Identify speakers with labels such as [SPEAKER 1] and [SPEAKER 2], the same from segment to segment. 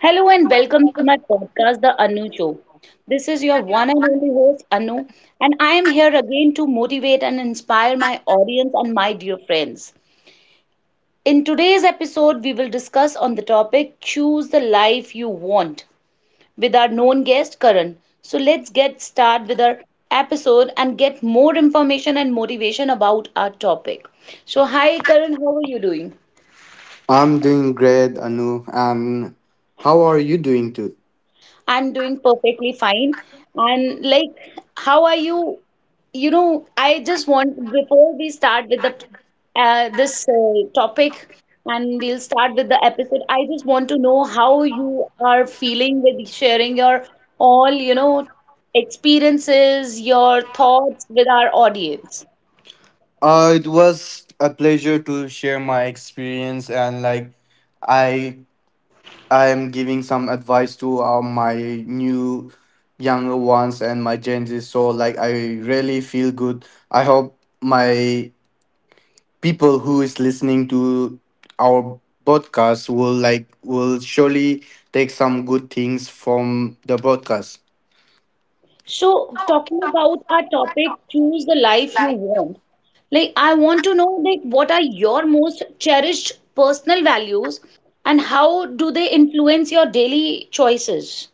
[SPEAKER 1] Hello and welcome to my podcast, The Anu Show. This is your one and only host, Anu, and I am here again to motivate and inspire my audience and my dear friends. In today's episode, we will discuss on the topic Choose the Life You Want with our known guest, Karan. So let's get started with our episode and get more information and motivation about our topic. So, hi, Karan, how are you doing?
[SPEAKER 2] I'm doing great, Anu. And how are you doing too?
[SPEAKER 1] I'm doing perfectly fine. And like, how are you? I just want before we start with the this topic and we'll start with the episode. I just want to know how you are feeling with sharing your all, you know, experiences, your thoughts with our audience.
[SPEAKER 2] It was a pleasure to share my experience, and like I I am giving some advice to my new younger ones and my Gen Z. So like I really feel good. I hope my people who is listening to our podcast will surely take some good things from the podcast.
[SPEAKER 1] So, talking about our topic, choose the life you want. Like, I want to know, like, what are your most cherished personal values and how do they influence your daily choices?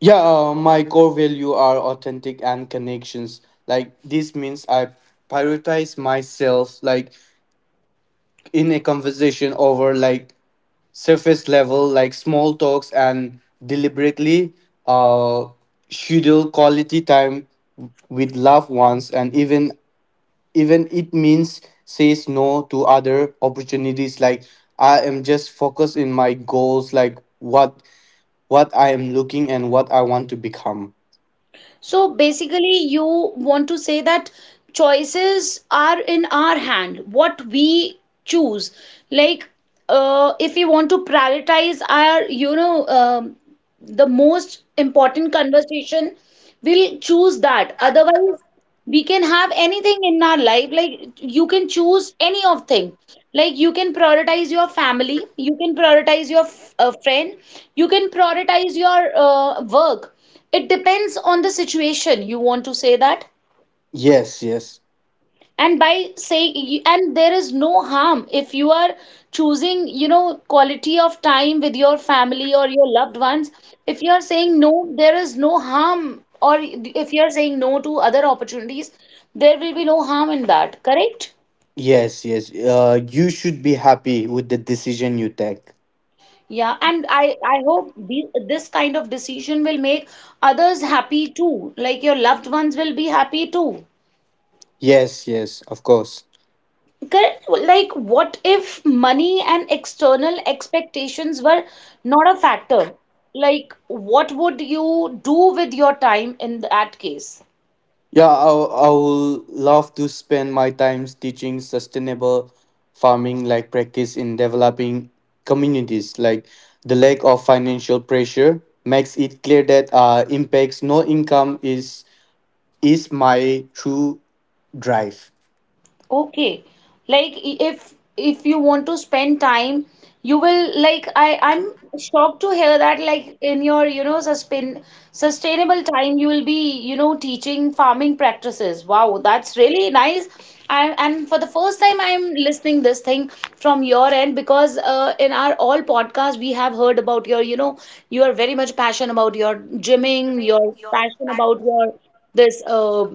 [SPEAKER 2] Yeah, my core value are authentic and connections. Like this means I prioritize myself, like in a conversation over like surface level, like small talks, and deliberately uh schedule quality time with loved ones, and even it means says no to other opportunities. Like I am just focused in my goals, like what I am looking and what I want to become.
[SPEAKER 1] So, basically, you want to say that choices are in our hand, what we choose. Like, if we want to prioritize our the most important conversation, we'll choose that. Otherwise, we can have anything in our life. Like, you can choose any of thing. Like, you can prioritize your family, you can prioritize your friend, you can prioritize your work. It depends on the situation, you want to say that.
[SPEAKER 2] Yes, yes,
[SPEAKER 1] And by saying, and there is no harm if you are choosing, you know, quality of time with your family or your loved ones. If you are saying no, there is no harm. Or if you are saying no to other opportunities, there will be no harm in that, correct?
[SPEAKER 2] yes, yes. You should be happy with the decision you take.
[SPEAKER 1] Yeah, and I hope this kind of decision will make others happy too, like your loved ones will be happy too.
[SPEAKER 2] Yes, yes, of course.
[SPEAKER 1] Correct. Like, what if money and external expectations were not a factor? Like, what would you do with your time in that case?
[SPEAKER 2] Yeah, I will love to spend my time teaching sustainable farming like practice in developing communities. Like the lack of financial pressure makes it clear that impacts no income is my true drive.
[SPEAKER 1] Okay. Like if you want to spend time, you will like I'm shocked to hear that, like in your, you know, sustainable time you will be, you know, teaching farming practices. Wow, that's really nice. And for the first time I'm listening this thing from your end, because in our all podcast we have heard about your, you know, you are very much passionate about your gymming, your passion about your this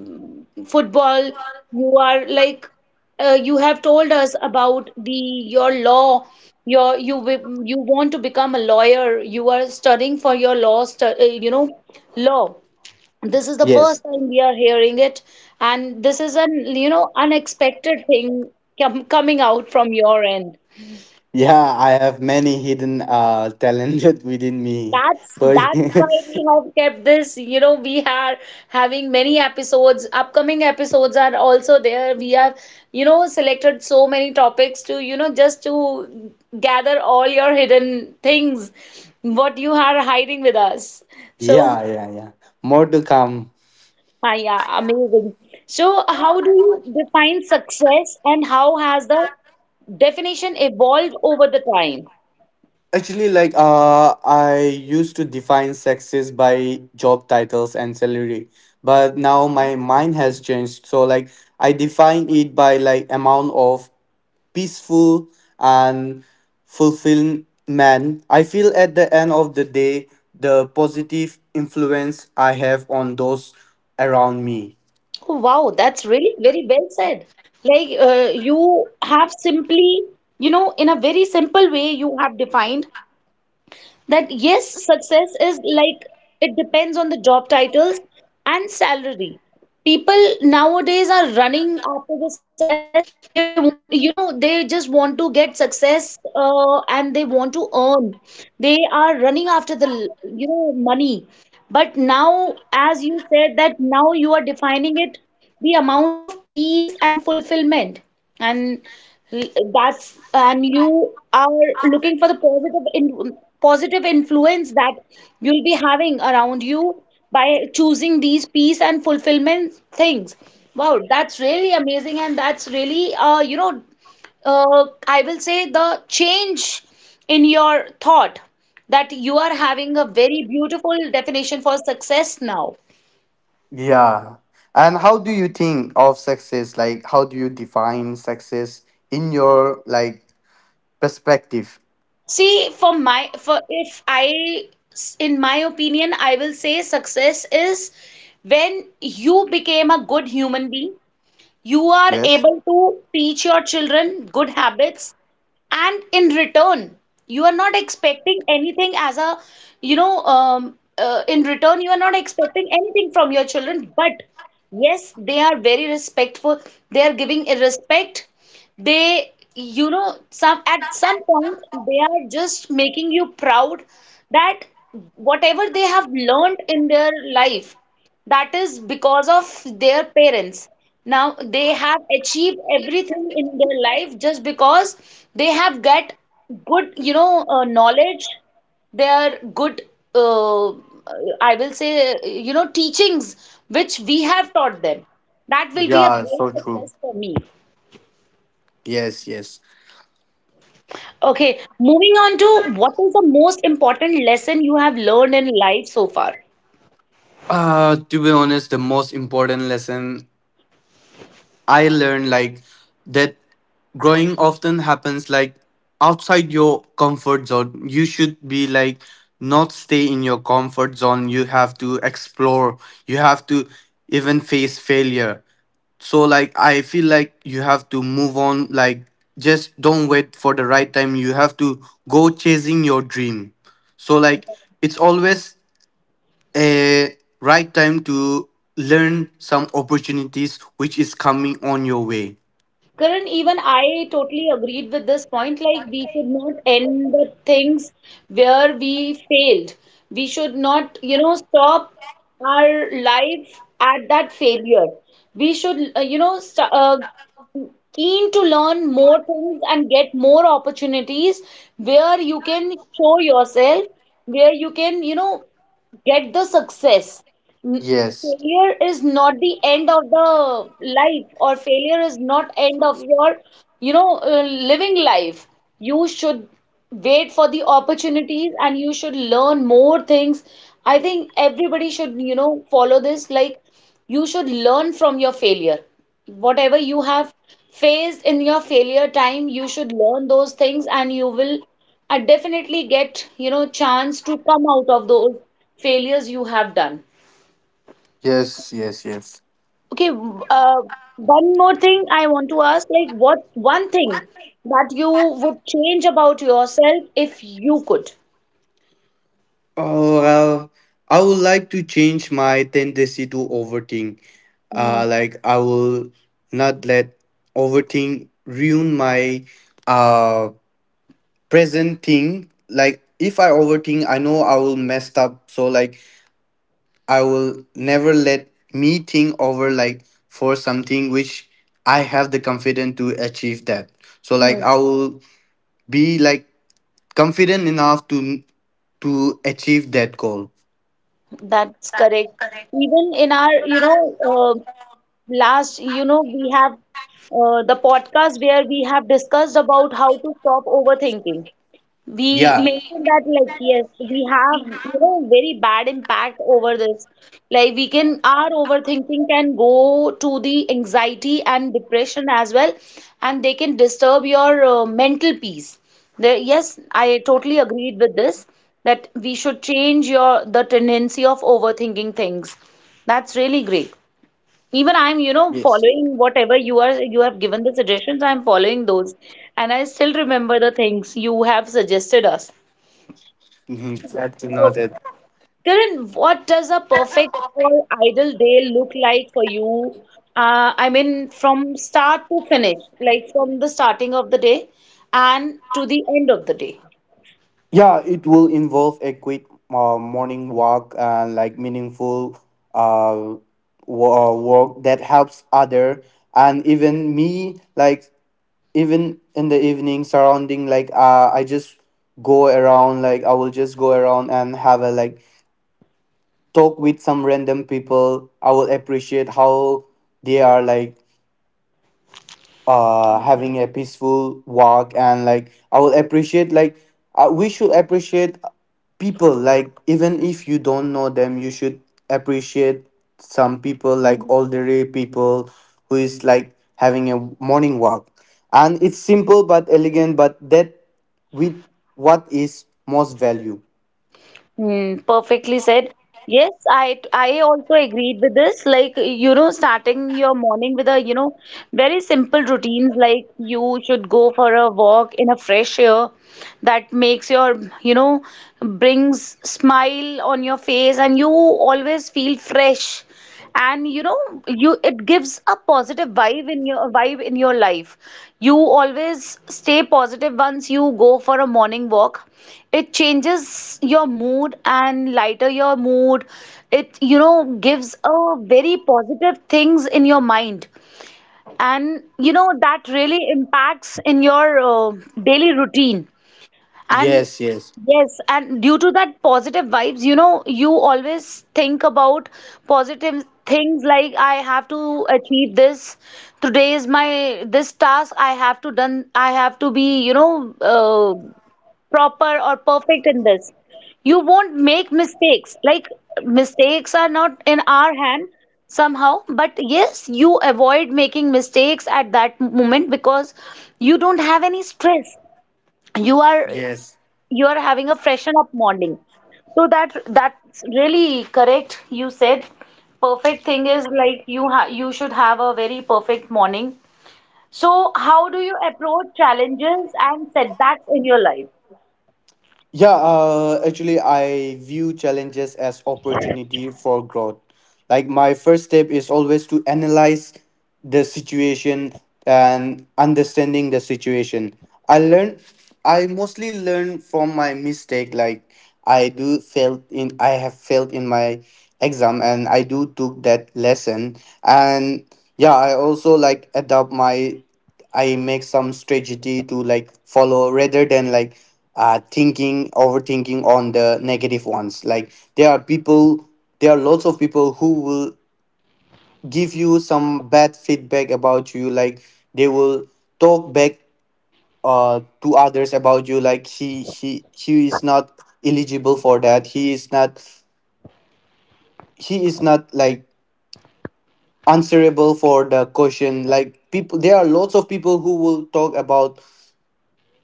[SPEAKER 1] football. You are like you have told us about the your law your, you want to become a lawyer, you are studying for your law stu you know, law. This is the first
[SPEAKER 2] Yes.
[SPEAKER 1] time we are hearing it. And this is an, you know, unexpected thing coming out from your end.
[SPEAKER 2] Yeah, I have many hidden talent within me.
[SPEAKER 1] That's
[SPEAKER 2] So
[SPEAKER 1] why we have kept this. You know, we are having many episodes. Upcoming episodes are also there. We have, you know, selected so many topics to, you know, just to gather all your hidden things, what you are hiding with us. So,
[SPEAKER 2] Yeah, yeah, yeah. More to come.
[SPEAKER 1] ah, yeah, amazing. So, how do you define success and how has the definition evolved over the time?
[SPEAKER 2] Actually, I used to define success by job titles and salary, but now my mind has changed. So like I define it by like amount of peaceful and fulfilled man. I feel at the end of the day the positive influence I have on those around me.
[SPEAKER 1] Oh, wow, that's really very well said. Like, you have simply, you know, in a very simple way, you have defined that yes, success is like it depends on the job titles and salary. People nowadays are running after the success. They want, you know, they just want to get success and they want to earn. They are running after the, you know, money. But now, as you said, that now you are defining it the amount of peace and fulfillment, and that's, and you are looking for the positive influence that you'll be having around you by choosing these peace and fulfillment things. Wow, that's really amazing, and that's really, I will say the change in your thought, that you are having a very beautiful definition for success now.
[SPEAKER 2] Yeah. And how do you think of success? Like how do you define success in your like perspective?
[SPEAKER 1] See, for my for if I, in my opinion, I will say success is when you became a good human being, you are
[SPEAKER 2] Yes.
[SPEAKER 1] able to teach your children good habits, and in return you are not expecting anything as a, in return you are not expecting anything from your children, but yes, they are very respectful, they are giving a respect, they, you know, some at some point they are just making you proud, that whatever they have learned in their life, that is because of their parents. Now they have achieved everything in their life just because they have get good, knowledge. They are good, uh, I will say, you know, teachings which we have taught them. That will be a
[SPEAKER 2] Yeah,
[SPEAKER 1] great
[SPEAKER 2] so true.
[SPEAKER 1] success for me.
[SPEAKER 2] Yes, yes.
[SPEAKER 1] Okay, moving on to what is the most important lesson you have learned in life so far?
[SPEAKER 2] To be honest, the most important lesson I learned, like that growing often happens like outside your comfort zone. You should be like not stay in your comfort zone. You have to explore. You have to even face failure, so like I feel like you have to move on. Like just don't wait for the right time. You have to go chasing your dream. So like it's always a right time to learn some opportunities which is coming on your way.
[SPEAKER 1] Karan, even I totally agreed with this point. Like, we should not end the things where we failed. We should not, you know, stop our life at that failure. We should, you know, st keen to learn more things and get more opportunities where you can show yourself, where you can, you know, get the success. N-
[SPEAKER 2] Yes,
[SPEAKER 1] Failure is not the end of the life, or failure is not end of your, you know, living life. You should wait for the opportunities and you should learn more things. I think everybody should, you know, follow this. Like, you should learn from your failure. Whatever you have faced in your failure time, you should learn those things, and you will, definitely get, you know, chance to come out of those failures you have done.
[SPEAKER 2] yes, yes, yes.
[SPEAKER 1] Okay, one more thing I want to ask, like what one thing that you would change about yourself if you could?
[SPEAKER 2] Oh well, I would like to change my tendency to overthink.
[SPEAKER 1] Hmm,
[SPEAKER 2] Like I will not let overthink ruin my uh present thing. Like if I overthink, I know I will mess up, so like I will never let me think over like for something which I have the confidence to achieve that. So like
[SPEAKER 1] hmm,
[SPEAKER 2] I will be like confident enough to achieve that goal.
[SPEAKER 1] that's correct. Even in our, you know, uh, last, you know, we have the podcast where we have discussed about how to stop overthinking. We
[SPEAKER 2] Yeah.
[SPEAKER 1] mentioned that, like, yes, we have, you know, very bad impact over this. Like, we can, our overthinking can go to the anxiety and depression as well, and they can disturb your mental peace. There, yes, I totally agreed with this that we should change your the tendency of overthinking things. That's really great. Even I'm, you know,
[SPEAKER 2] Yes.
[SPEAKER 1] following whatever you have given the suggestions, I'm following those. And I still remember the things you have suggested us.
[SPEAKER 2] Mhm. Exactly
[SPEAKER 1] So,
[SPEAKER 2] noted.
[SPEAKER 1] Kiran, what does a perfect or ideal day look like for you? I mean, from start to finish, like from the starting of the day and to the end of the day.
[SPEAKER 2] Yeah, it will involve a quick morning walk and like meaningful uh, work that helps other and even me. Like even in the evening surrounding, I just go around. Like I will just go around and have a like talk with some random people. I will appreciate how they are, like having a peaceful walk, and like I will appreciate like we should appreciate people like even if you don't know them. You should appreciate some people like elderly people who is like having a morning walk, and it's simple but elegant, but that with what is most value.
[SPEAKER 1] Hmm, perfectly said. Yes, I also agreed with this. Like, you know, starting your morning with a, you know, very simple routines, like you should go for a walk in a fresh air, that makes your, you know, brings smile on your face, and you always feel fresh. And, you know, you it gives a positive vibe in your life. You always stay positive once you go for a morning walk. It changes your mood and lighter your mood. It, you know, gives a very positive things in your mind, and you know that really impacts in your daily routine. And
[SPEAKER 2] Yes, yes,
[SPEAKER 1] yes, and due to that positive vibes, you know, you always think about positive things, like I have to achieve this. Today is my this task I have to done. I have to be, you know, proper or perfect in this. You won't make mistakes. Like, mistakes are not in our hand somehow, but yes, you avoid making mistakes at that moment because you don't have any stress. You are,
[SPEAKER 2] yes.
[SPEAKER 1] you are having a freshen up morning, so that that's really correct you said. Perfect thing is like you should have a very perfect morning. So, how do you approach challenges and setbacks in your life?
[SPEAKER 2] Yeah, actually, I view challenges as opportunity for growth. Like my first step is always to analyze the situation and understanding the situation. I learn, I mostly learn from my mistake. Like I have failed in my exam, and I do took that lesson. And yeah, I also like adapt my I make some strategy to like follow rather than like thinking overthinking on the negative ones. Like there are lots of people who will give you some bad feedback about you. Like they will talk back to others about you. Like he is not eligible for that. He is not like answerable for the question. Like people there are lots of people who will talk about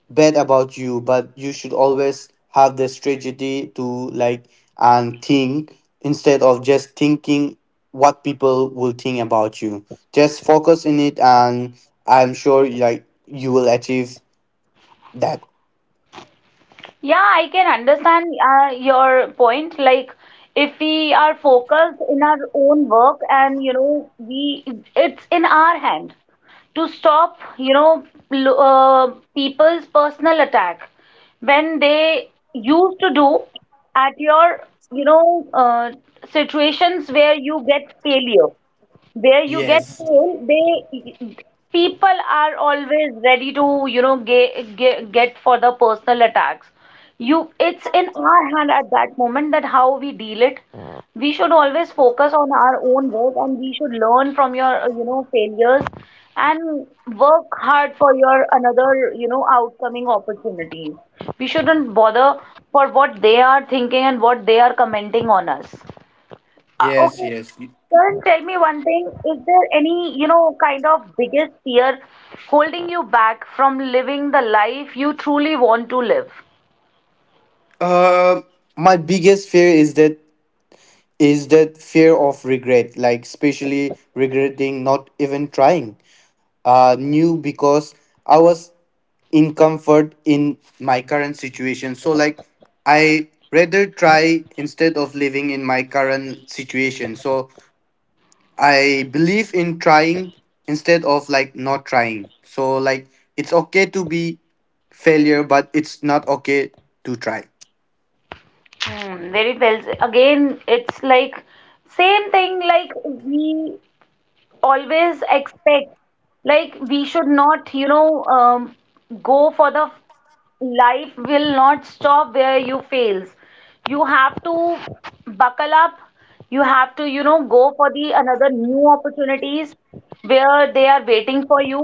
[SPEAKER 2] bad about you, but you should always have the strategy to like and think instead of just thinking what people will think about you. Just focus in it, and I'm sure like you will achieve that.
[SPEAKER 1] Yeah, I can understand your point. Like, if we are focused in our own work and, you know, we, it's in our hand to stop, you know, people's personal attack when they used to do at your, you know, uh, situations where you get failure, where you get
[SPEAKER 2] Yes,
[SPEAKER 1] pain, they, people are always ready to, you know, get for the personal attacks. You, it's in our hand at that moment that how we deal it. We should always focus on our own work and we should learn from your, you know, failures, and work hard for your another, you know, outcoming opportunities. We shouldn't bother for what they are thinking and what they are commenting on us.
[SPEAKER 2] yes,
[SPEAKER 1] Okay.
[SPEAKER 2] yes.
[SPEAKER 1] Karan, tell me one thing. Is there any, you know, kind of biggest fear holding you back from living the life you truly want to live?
[SPEAKER 2] uh my biggest fear is that fear of regret, like especially regretting not even trying new, because I was in comfort in my current situation. So like I rather try instead of living in my current situation. So I believe in trying instead of like not trying. So like it's okay to be failure, but it's not okay to try.
[SPEAKER 1] Hmm, very well. Again, it's like same thing like we always expect like we should not go for the life will not stop where you fails. You have to buckle up. You have to, you know, go for the another new opportunities where they are waiting for you.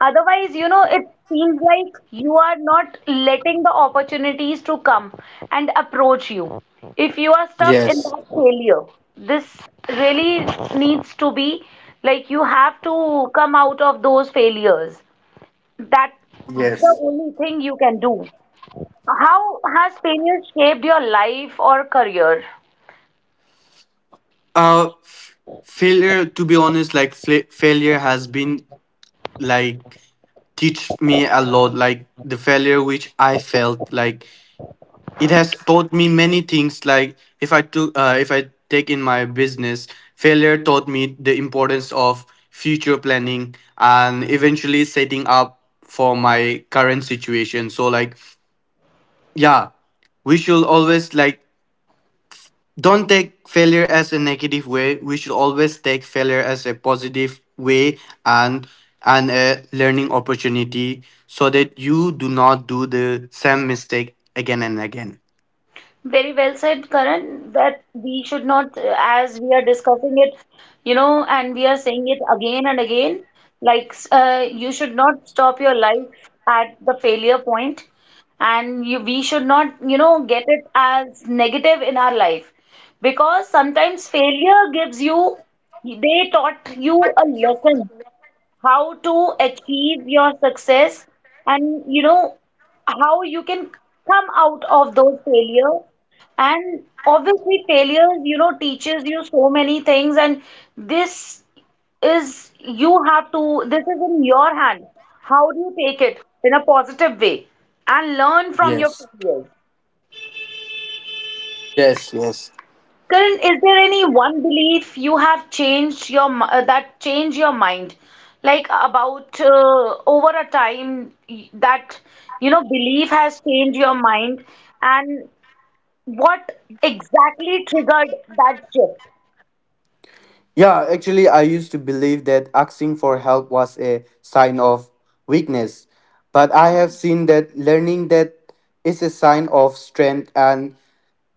[SPEAKER 1] Otherwise, you know, it seems like you are not letting the opportunities to come and approach you. If you are stuck in
[SPEAKER 2] Yes.
[SPEAKER 1] that failure, this really needs to be like you have to come out of those failures. That's the
[SPEAKER 2] Yes.
[SPEAKER 1] only thing you can do. How has failure shaped your life or career?
[SPEAKER 2] Uh f- failure, to be honest, like failure has been like teach me a lot. Like the failure which I felt like it has taught me many things. Like if I take in my business, failure taught me the importance of future planning and eventually setting up for my current situation. So like yeah, we should always like don't take failure as a negative way. We should always take failure as a positive way and a learning opportunity, so that you do not do the same mistake again and again.
[SPEAKER 1] Very well said, Karan, that we should not, as we are discussing it, you know, and we are saying it again and again, like you should not stop your life at the failure point, and you, we should not, you know, get it as negative in our life, because sometimes failure gives you, they taught you a lesson how to achieve your success, and you know how you can come out of those failures, and obviously failures you know teaches you so many things. And this is, you have to, this is in your hand how do you take it in a positive way and learn from your
[SPEAKER 2] Yes.
[SPEAKER 1] failures.
[SPEAKER 2] Yes, yes.
[SPEAKER 1] Karan, is there any one belief you have changed your that changed your mind, like about over a time that you know belief has changed your mind, and what exactly triggered that shift?
[SPEAKER 2] Yeah, actually, I used to believe that asking for help was a sign of weakness. But I have seen that learning that is a sign of strength and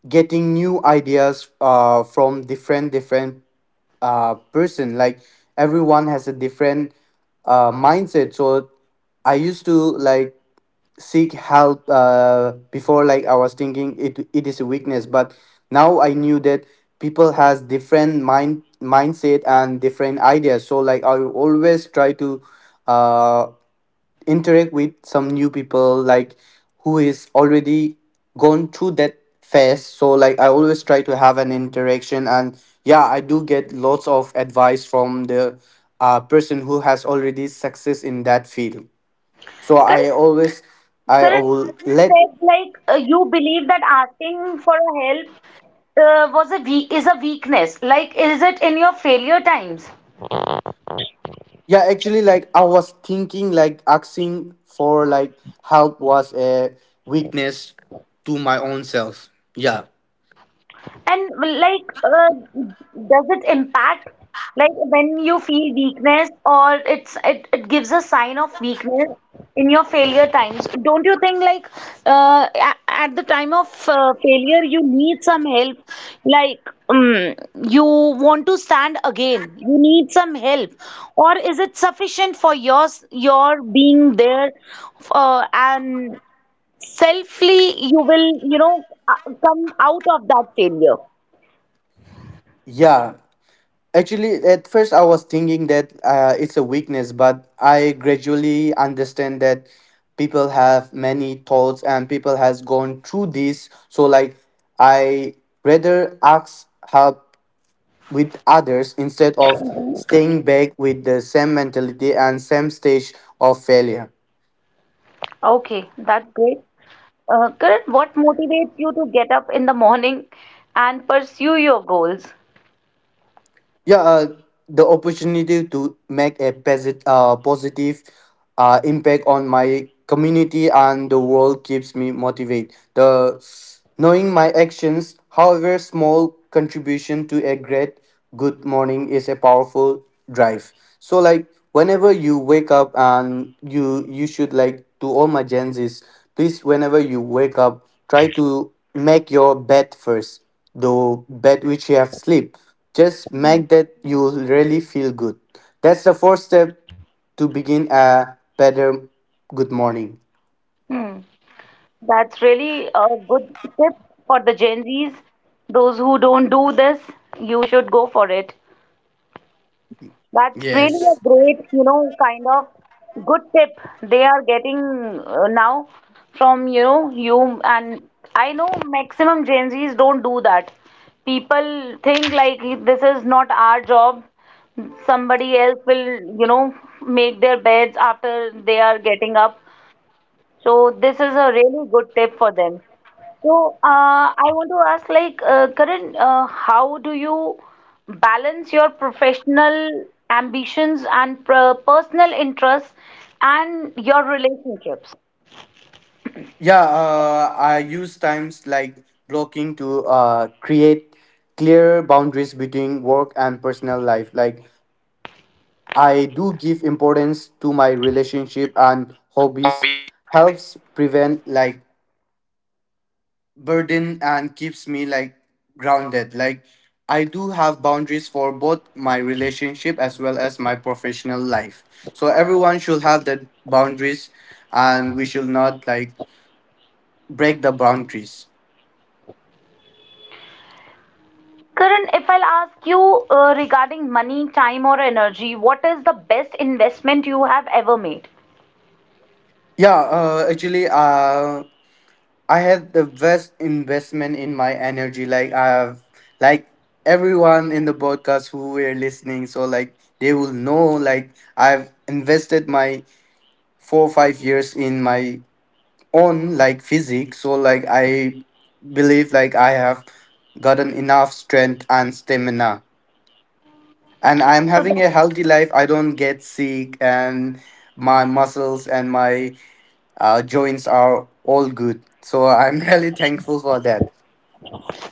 [SPEAKER 2] getting new ideas from different person. Like everyone has a different mindset. So I used to like seek help, before like I was thinking it it is a weakness, but now I knew that people has different mindset and different ideas. So like I always try to uh interact with some new people, like who is already gone through that phase. So like I always try to have an interaction, and yeah, I do get lots of advice from the person who has already success in that field. So
[SPEAKER 1] Karan,
[SPEAKER 2] I always I
[SPEAKER 1] Karan,
[SPEAKER 2] will
[SPEAKER 1] as you
[SPEAKER 2] let
[SPEAKER 1] said, like you believe that asking for a help was a we is a weakness. Like, is it in your failure times?
[SPEAKER 2] yeah actually like I was thinking like asking for like help was a weakness to my own self. Yeah.
[SPEAKER 1] And like, does it impact like when you feel weakness, or it gives a sign of weakness in your failure times? Don't you think like at the time of failure you need some help? Like you want to stand again, you need some help, or is it sufficient for your being there and selfly you will you know come out of that failure?
[SPEAKER 2] Yeah. Actually, at first I was thinking that it's a weakness, but I gradually understand that people have many thoughts and people has gone through this. So like I rather ask help with others instead of staying back with the same mentality and same stage of failure.
[SPEAKER 1] Okay, that's great. Karan, what motivates you to get up in the morning and pursue your goals?
[SPEAKER 2] Yeah, the opportunity to make a positive impact on my community and the world keeps me motivated. The knowing my actions, however small, contribution to a great good morning is a powerful drive. So like whenever you wake up, and you should like to all my gens is, please, whenever you wake up, try to make your bed first. The bed which you have sleep, just
[SPEAKER 1] Hmm.
[SPEAKER 2] make that. You will really feel good. That's the first step to begin a better good morning.
[SPEAKER 1] Hmm, that's really a good tip for the Gen Zs. Those who don't do this, you should go for it. That's really
[SPEAKER 2] Yes.
[SPEAKER 1] a great, you know, kind of good tip they are getting now from, you know, you. And I know maximum Gen Zs don't do that. People think like this is not our job. Somebody else will, you know, make their beds after they are getting up. So this is a really good tip for them. So, I want to ask, like, Karan, how do you balance your professional ambitions and personal interests and your relationships?
[SPEAKER 2] Yeah, I use times like blocking to create clear boundaries between work and personal life. Like I do give importance to my relationship and hobbies, helps prevent like burden and keeps me like grounded. Like I do have boundaries for both my relationship as well as my professional life. So everyone should have the boundaries, and we should not like break the boundaries.
[SPEAKER 1] Karan, if I'll ask you regarding money, time, or energy, what is the best investment you have ever made?
[SPEAKER 2] Yeah, actually I had the best investment in my energy. Like I have like everyone in the podcast who were listening, so like they will know like I've invested my 4 or 5 years in my on like physique. So like I believe like I have gotten enough strength and stamina, and I'm
[SPEAKER 1] So
[SPEAKER 2] having
[SPEAKER 1] that
[SPEAKER 2] a healthy life. I don't get sick, and my muscles and my joints are all good. So I'm really thankful for that.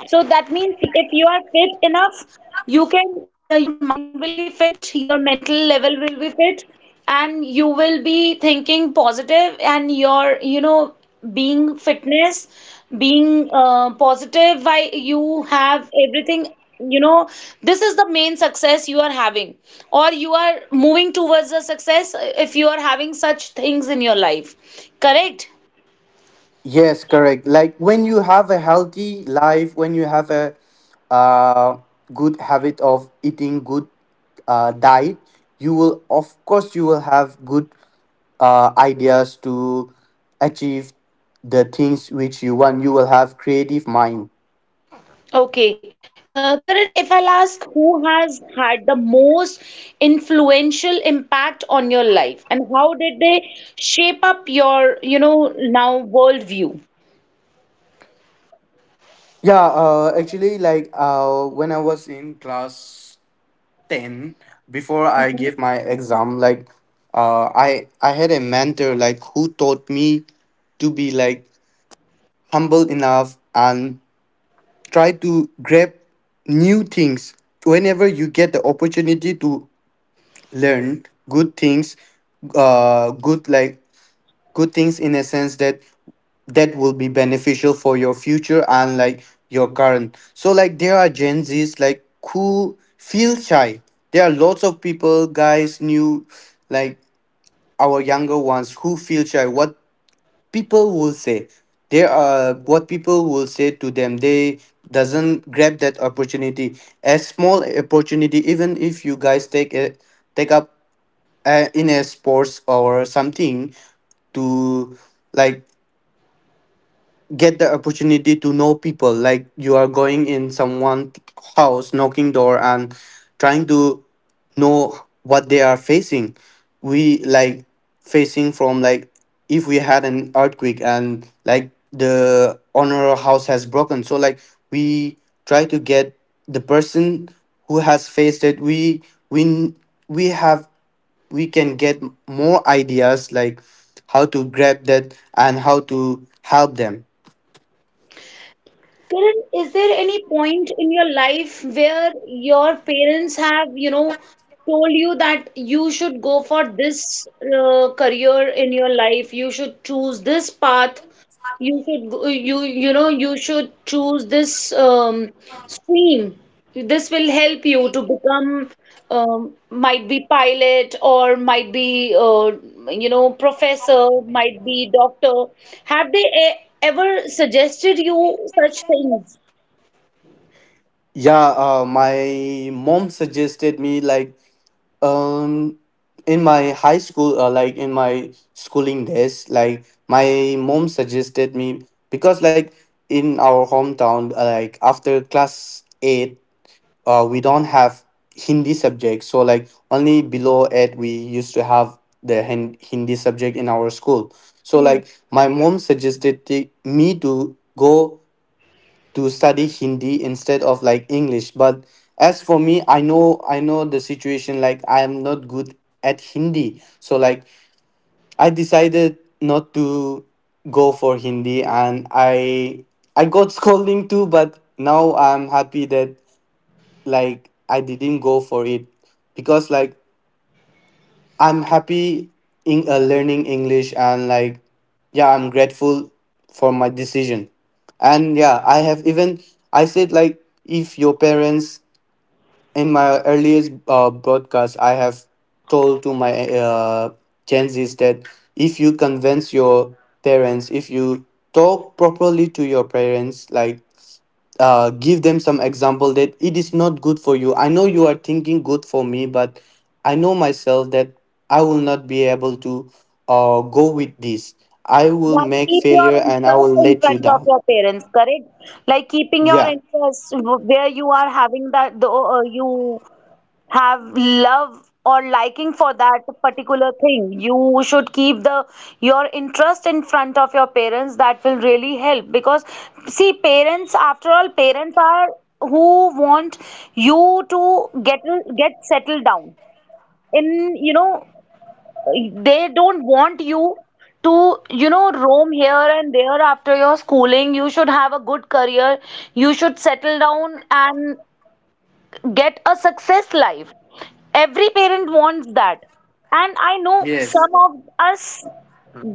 [SPEAKER 1] So that means if you are fit enough, you can, your mind will be fit, your mental level will be fit, and you will be thinking positive, and your, you know, being fitness, being positive, why you have everything, you know, this is the main success you are having, or you are moving towards a success if you are having such things in your life. Correct?
[SPEAKER 2] Yes, correct. Like when you have a healthy life, when you have a uh, good habit of eating good diet, you will, of course, you will have good ideas to achieve the things which you want. You will have creative mind.
[SPEAKER 1] Okay. Karan, if I'll ask who has had the most influential impact on your life and how did they shape up your, you know, now worldview?
[SPEAKER 2] Yeah, actually like when I was in class 10, before I
[SPEAKER 1] Mhm.
[SPEAKER 2] gave my exam, like I had a mentor like who taught me to be like humble enough and try to grab new things whenever you get the opportunity to learn good things, uh good like good things in a sense that that will be beneficial for your future and like your current. So like there are Gen Z's like who feel shy. There are lots of people guys new like our younger ones who feel shy what people will say. There are what people will say to them, they doesn't grab that opportunity. A small opportunity, even if you guys take up in a sports or something to like get the opportunity to know people. Like you are going in someone's house knocking door and trying to know what they are facing. We like facing from like, if we had an earthquake and like the owner house has broken, so like we try to get the person who has faced it. We we we have we can get more ideas like how to grab that and how to help them.
[SPEAKER 1] Karan, is there any point in your life where your parents have, you know, told you that you should go for this career in your life, you should choose this path? You should go, you know you should choose this stream. This will help you to become might be pilot, or might be you know professor, might be doctor. Have they ever suggested you such things?
[SPEAKER 2] Yeah, my mom suggested me like um in my high school, like in my schooling days, like my mom suggested me because like in our hometown, like after class 8, we don't have Hindi subject. So like only below 8 we used to have the Hindi subject in our school. So
[SPEAKER 1] Hmm.
[SPEAKER 2] like my mom suggested me to go to study Hindi instead of like English. But as for me, I know, I know the situation, like I am not good at Hindi. So like I decided not to go for Hindi, and I got scolding too, but now I'm happy that like I didn't go for it, because like I'm happy in learning English, and like yeah, I'm grateful for my decision. And yeah, I have even I said like if your parents, in my earliest broadcast, I have told to my Gen Zs that if you convince your parents, if you talk properly to your parents, like give them some example that it is not good for you. I know you are thinking good for me, but I know myself that I will not be able to go with this. I will
[SPEAKER 1] Yeah,
[SPEAKER 2] make
[SPEAKER 1] keep your
[SPEAKER 2] failure, and I
[SPEAKER 1] interest
[SPEAKER 2] will
[SPEAKER 1] in
[SPEAKER 2] let you
[SPEAKER 1] front of
[SPEAKER 2] down.
[SPEAKER 1] your parents, correct? Like keeping your
[SPEAKER 2] Yeah.
[SPEAKER 1] interest where you are having that the you have love or liking for that particular thing, you should keep the your interest in front of your parents. That will really help because see, parents after all, parents are who want you to get settled down in, you know, they don't want you to, you know, roam here and there. After your schooling you should have a good career, you should settle down and get a success life. Every parent wants that. And I know
[SPEAKER 2] Yes.
[SPEAKER 1] some of us,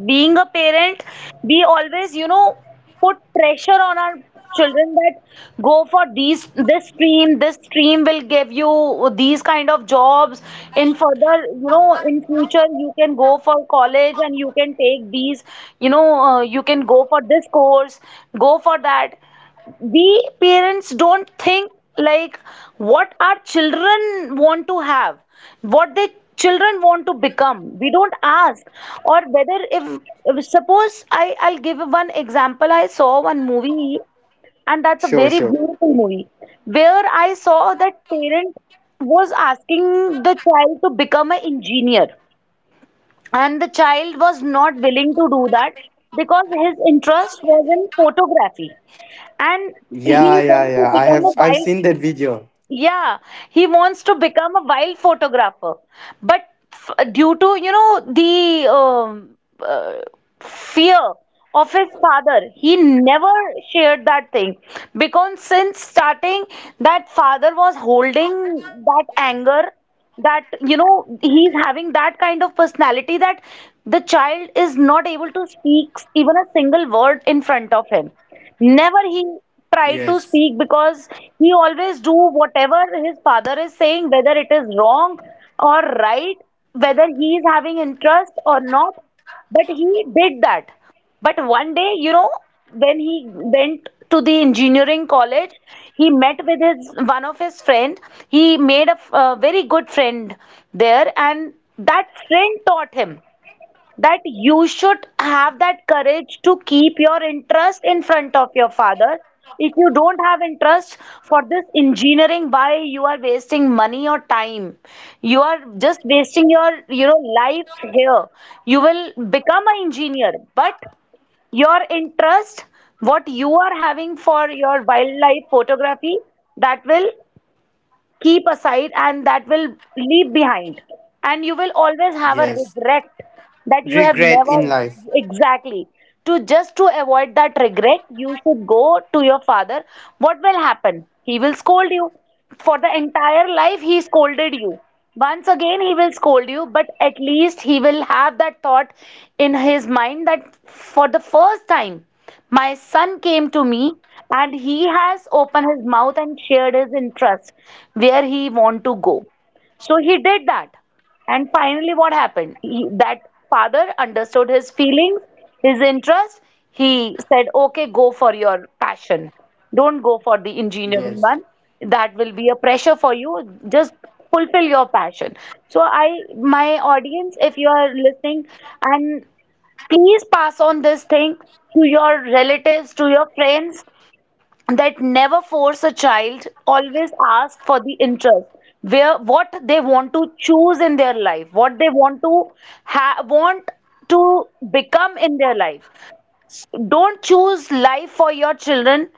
[SPEAKER 1] being a parent, we always, you know, put pressure on our children that go for these this stream, this stream will give you these kind of jobs in further, you know, in future you can go for college and you can take these, you know, you can go for this course, go for that. We parents don't think like what our children want to have, what their children want to become. We don't ask. Or whether if suppose, I'll give one example. I saw one movie, and that's a very
[SPEAKER 2] Sure, sure.
[SPEAKER 1] beautiful movie, where I saw that parent was asking the child to become an engineer, and the child was not willing to do that because his interest was in photography. And
[SPEAKER 2] Yeah,
[SPEAKER 1] he
[SPEAKER 2] yeah,
[SPEAKER 1] wants
[SPEAKER 2] yeah.
[SPEAKER 1] to become a
[SPEAKER 2] I've seen
[SPEAKER 1] wild,
[SPEAKER 2] that video.
[SPEAKER 1] yeah, he wants to become a wild photographer. But due to, you know, the uh, fear of his father, he never shared that thing. Because since starting, that father was holding that anger, that you know he's having that kind of personality that the child is not able to speak even a single word in front of him. Never he
[SPEAKER 2] Yes.
[SPEAKER 1] tried to speak, because he always do whatever his father is saying, whether it is wrong or right, whether he is having interest or not. But he did that. But one day, you know, when he went to the engineering college, he met with his one of his friend. He made a, a very good friend there, and that friend taught him that you should have that courage to keep your interest in front of your father. If you don't have interest for this engineering, why you are wasting money or time? You are just wasting your, you know, life here. You will become an engineer, but your interest what you are having for your wildlife photography, that will keep aside, and that will leave behind, and you will always
[SPEAKER 2] Yes.
[SPEAKER 1] have a regret that you
[SPEAKER 2] Regret
[SPEAKER 1] have
[SPEAKER 2] in
[SPEAKER 1] never,
[SPEAKER 2] life.
[SPEAKER 1] exactly, to just to avoid that regret you should go to your father. What will happen, he will scold you. For the entire life he scolded you, once again he will scold you, but at least he will have that thought in his mind that for the first time my son came to me and he has opened his mouth and shared his interest where he want to go. So he did that. And finally what happened? He, that father understood his feelings, his interest. He said, okay, go for your passion. Don't go for the
[SPEAKER 2] Yes.
[SPEAKER 1] engineering one. That will be a pressure for you. Just fulfill your passion. So I, my audience, if you are listening, and please pass on this thing to your relatives, to your friends, that never force a child, always ask for the interest, where what they want to choose in their life, what they want to want to become in their life. Don't choose life for your children.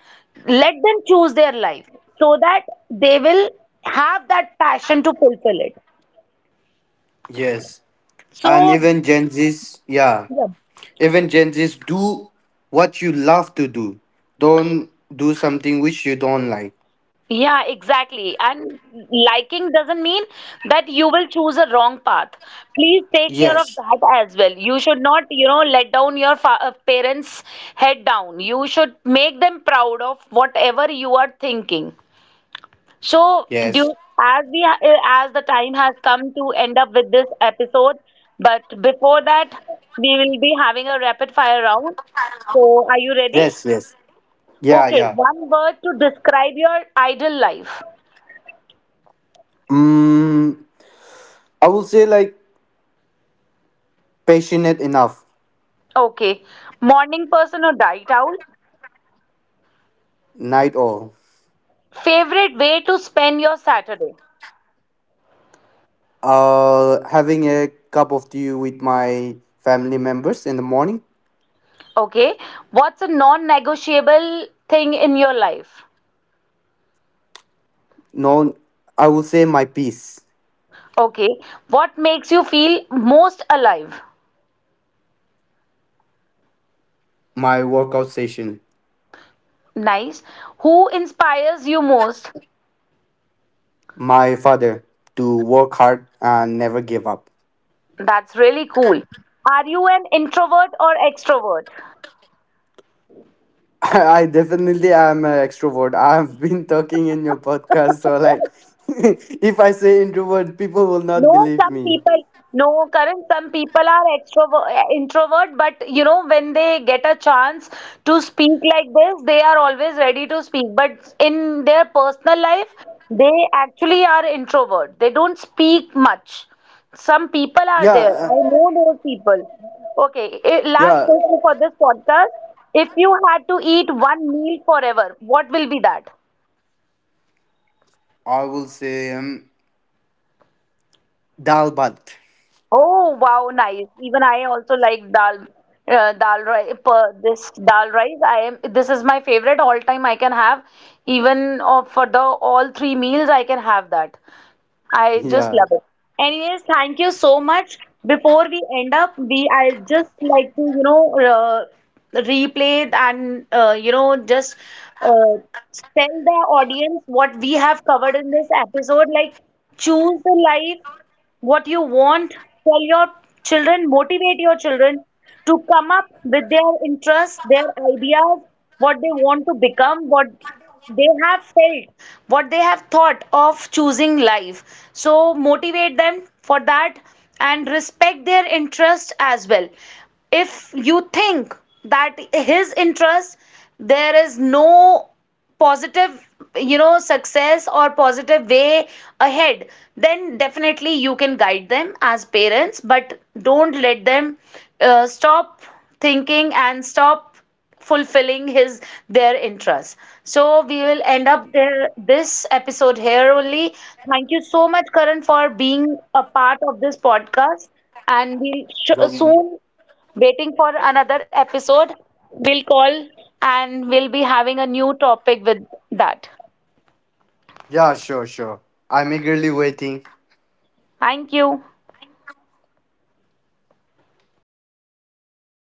[SPEAKER 1] Let them choose their life so that they will have that passion to fulfill it.
[SPEAKER 2] Yes. And
[SPEAKER 1] So,
[SPEAKER 2] even Gen Z's, yeah.
[SPEAKER 1] yeah.
[SPEAKER 2] Even Gen Z's do what you love to do. Don't do something which you don't like.
[SPEAKER 1] Yeah, exactly. And liking doesn't mean that you will choose a wrong path. Please take care of
[SPEAKER 2] Yes.
[SPEAKER 1] that as well. You should not, you know, let down your fa parents' head down. You should make them proud of whatever you are thinking. So, do
[SPEAKER 2] Yes.
[SPEAKER 1] as we as the time has come to end up with this episode, but before that, we will be having a rapid fire round. So, are you ready?
[SPEAKER 2] Yes, yes. Yeah,
[SPEAKER 1] Okay,
[SPEAKER 2] yeah.
[SPEAKER 1] one word to describe your ideal life.
[SPEAKER 2] Mm, I will say like passionate enough.
[SPEAKER 1] Okay. Morning person or night owl?
[SPEAKER 2] Night all.
[SPEAKER 1] Favorite way to spend your Saturday?
[SPEAKER 2] Having a cup of tea with my family members in the morning.
[SPEAKER 1] Okay. What's a non-negotiable thing in your life?
[SPEAKER 2] No, I would say my peace.
[SPEAKER 1] Okay. What makes you feel most alive?
[SPEAKER 2] My workout session.
[SPEAKER 1] Nice. Who inspires you most?
[SPEAKER 2] My father, to work hard and never give up.
[SPEAKER 1] That's really cool. Are you an introvert or extrovert?
[SPEAKER 2] I definitely am an extrovert. I've been talking in your podcast, so like, if I say introvert, people will not
[SPEAKER 1] No,
[SPEAKER 2] believe
[SPEAKER 1] some
[SPEAKER 2] me.
[SPEAKER 1] people, no, Karan, some people are extrovert, introvert, but you know, when they get a chance to speak like this, they are always ready to speak. But in their personal life, they actually are introvert. They don't speak much. Some people are
[SPEAKER 2] Yeah,
[SPEAKER 1] there. I know those people. Okay, eh, last
[SPEAKER 2] yeah.
[SPEAKER 1] question for this podcast. If you had to eat one meal forever, what will be that?
[SPEAKER 2] I will say dal bhat.
[SPEAKER 1] Oh wow, nice. Even I also like dal dal rice, this dal rice. I am, this is my favorite all time I can have. Even for the all three meals I can have that. I just
[SPEAKER 2] Yeah,
[SPEAKER 1] love it. Anyways, thank you so much. Before we end up, we I just like to, you know, replay and you know just uh, tell the audience what we have covered in this episode, like choose the life what you want, tell your children, motivate your children to come up with their interests, their ideas, what they want to become, what they have felt, what they have thought of choosing life, so motivate them for that, and respect their interest as well. If you think that his interest, there is no positive, you know, success or positive way ahead, then definitely you can guide them as parents, but don't let them stop thinking and stop fulfilling his their interests. So we will end up there, this episode here only. Thank you so much, Karan, for being a part of this podcast, and we'll
[SPEAKER 2] Jom-
[SPEAKER 1] soon waiting for another episode. We'll call and we'll be having a new topic with that.
[SPEAKER 2] yeah, sure, sure. I'm eagerly waiting.
[SPEAKER 1] Thank you.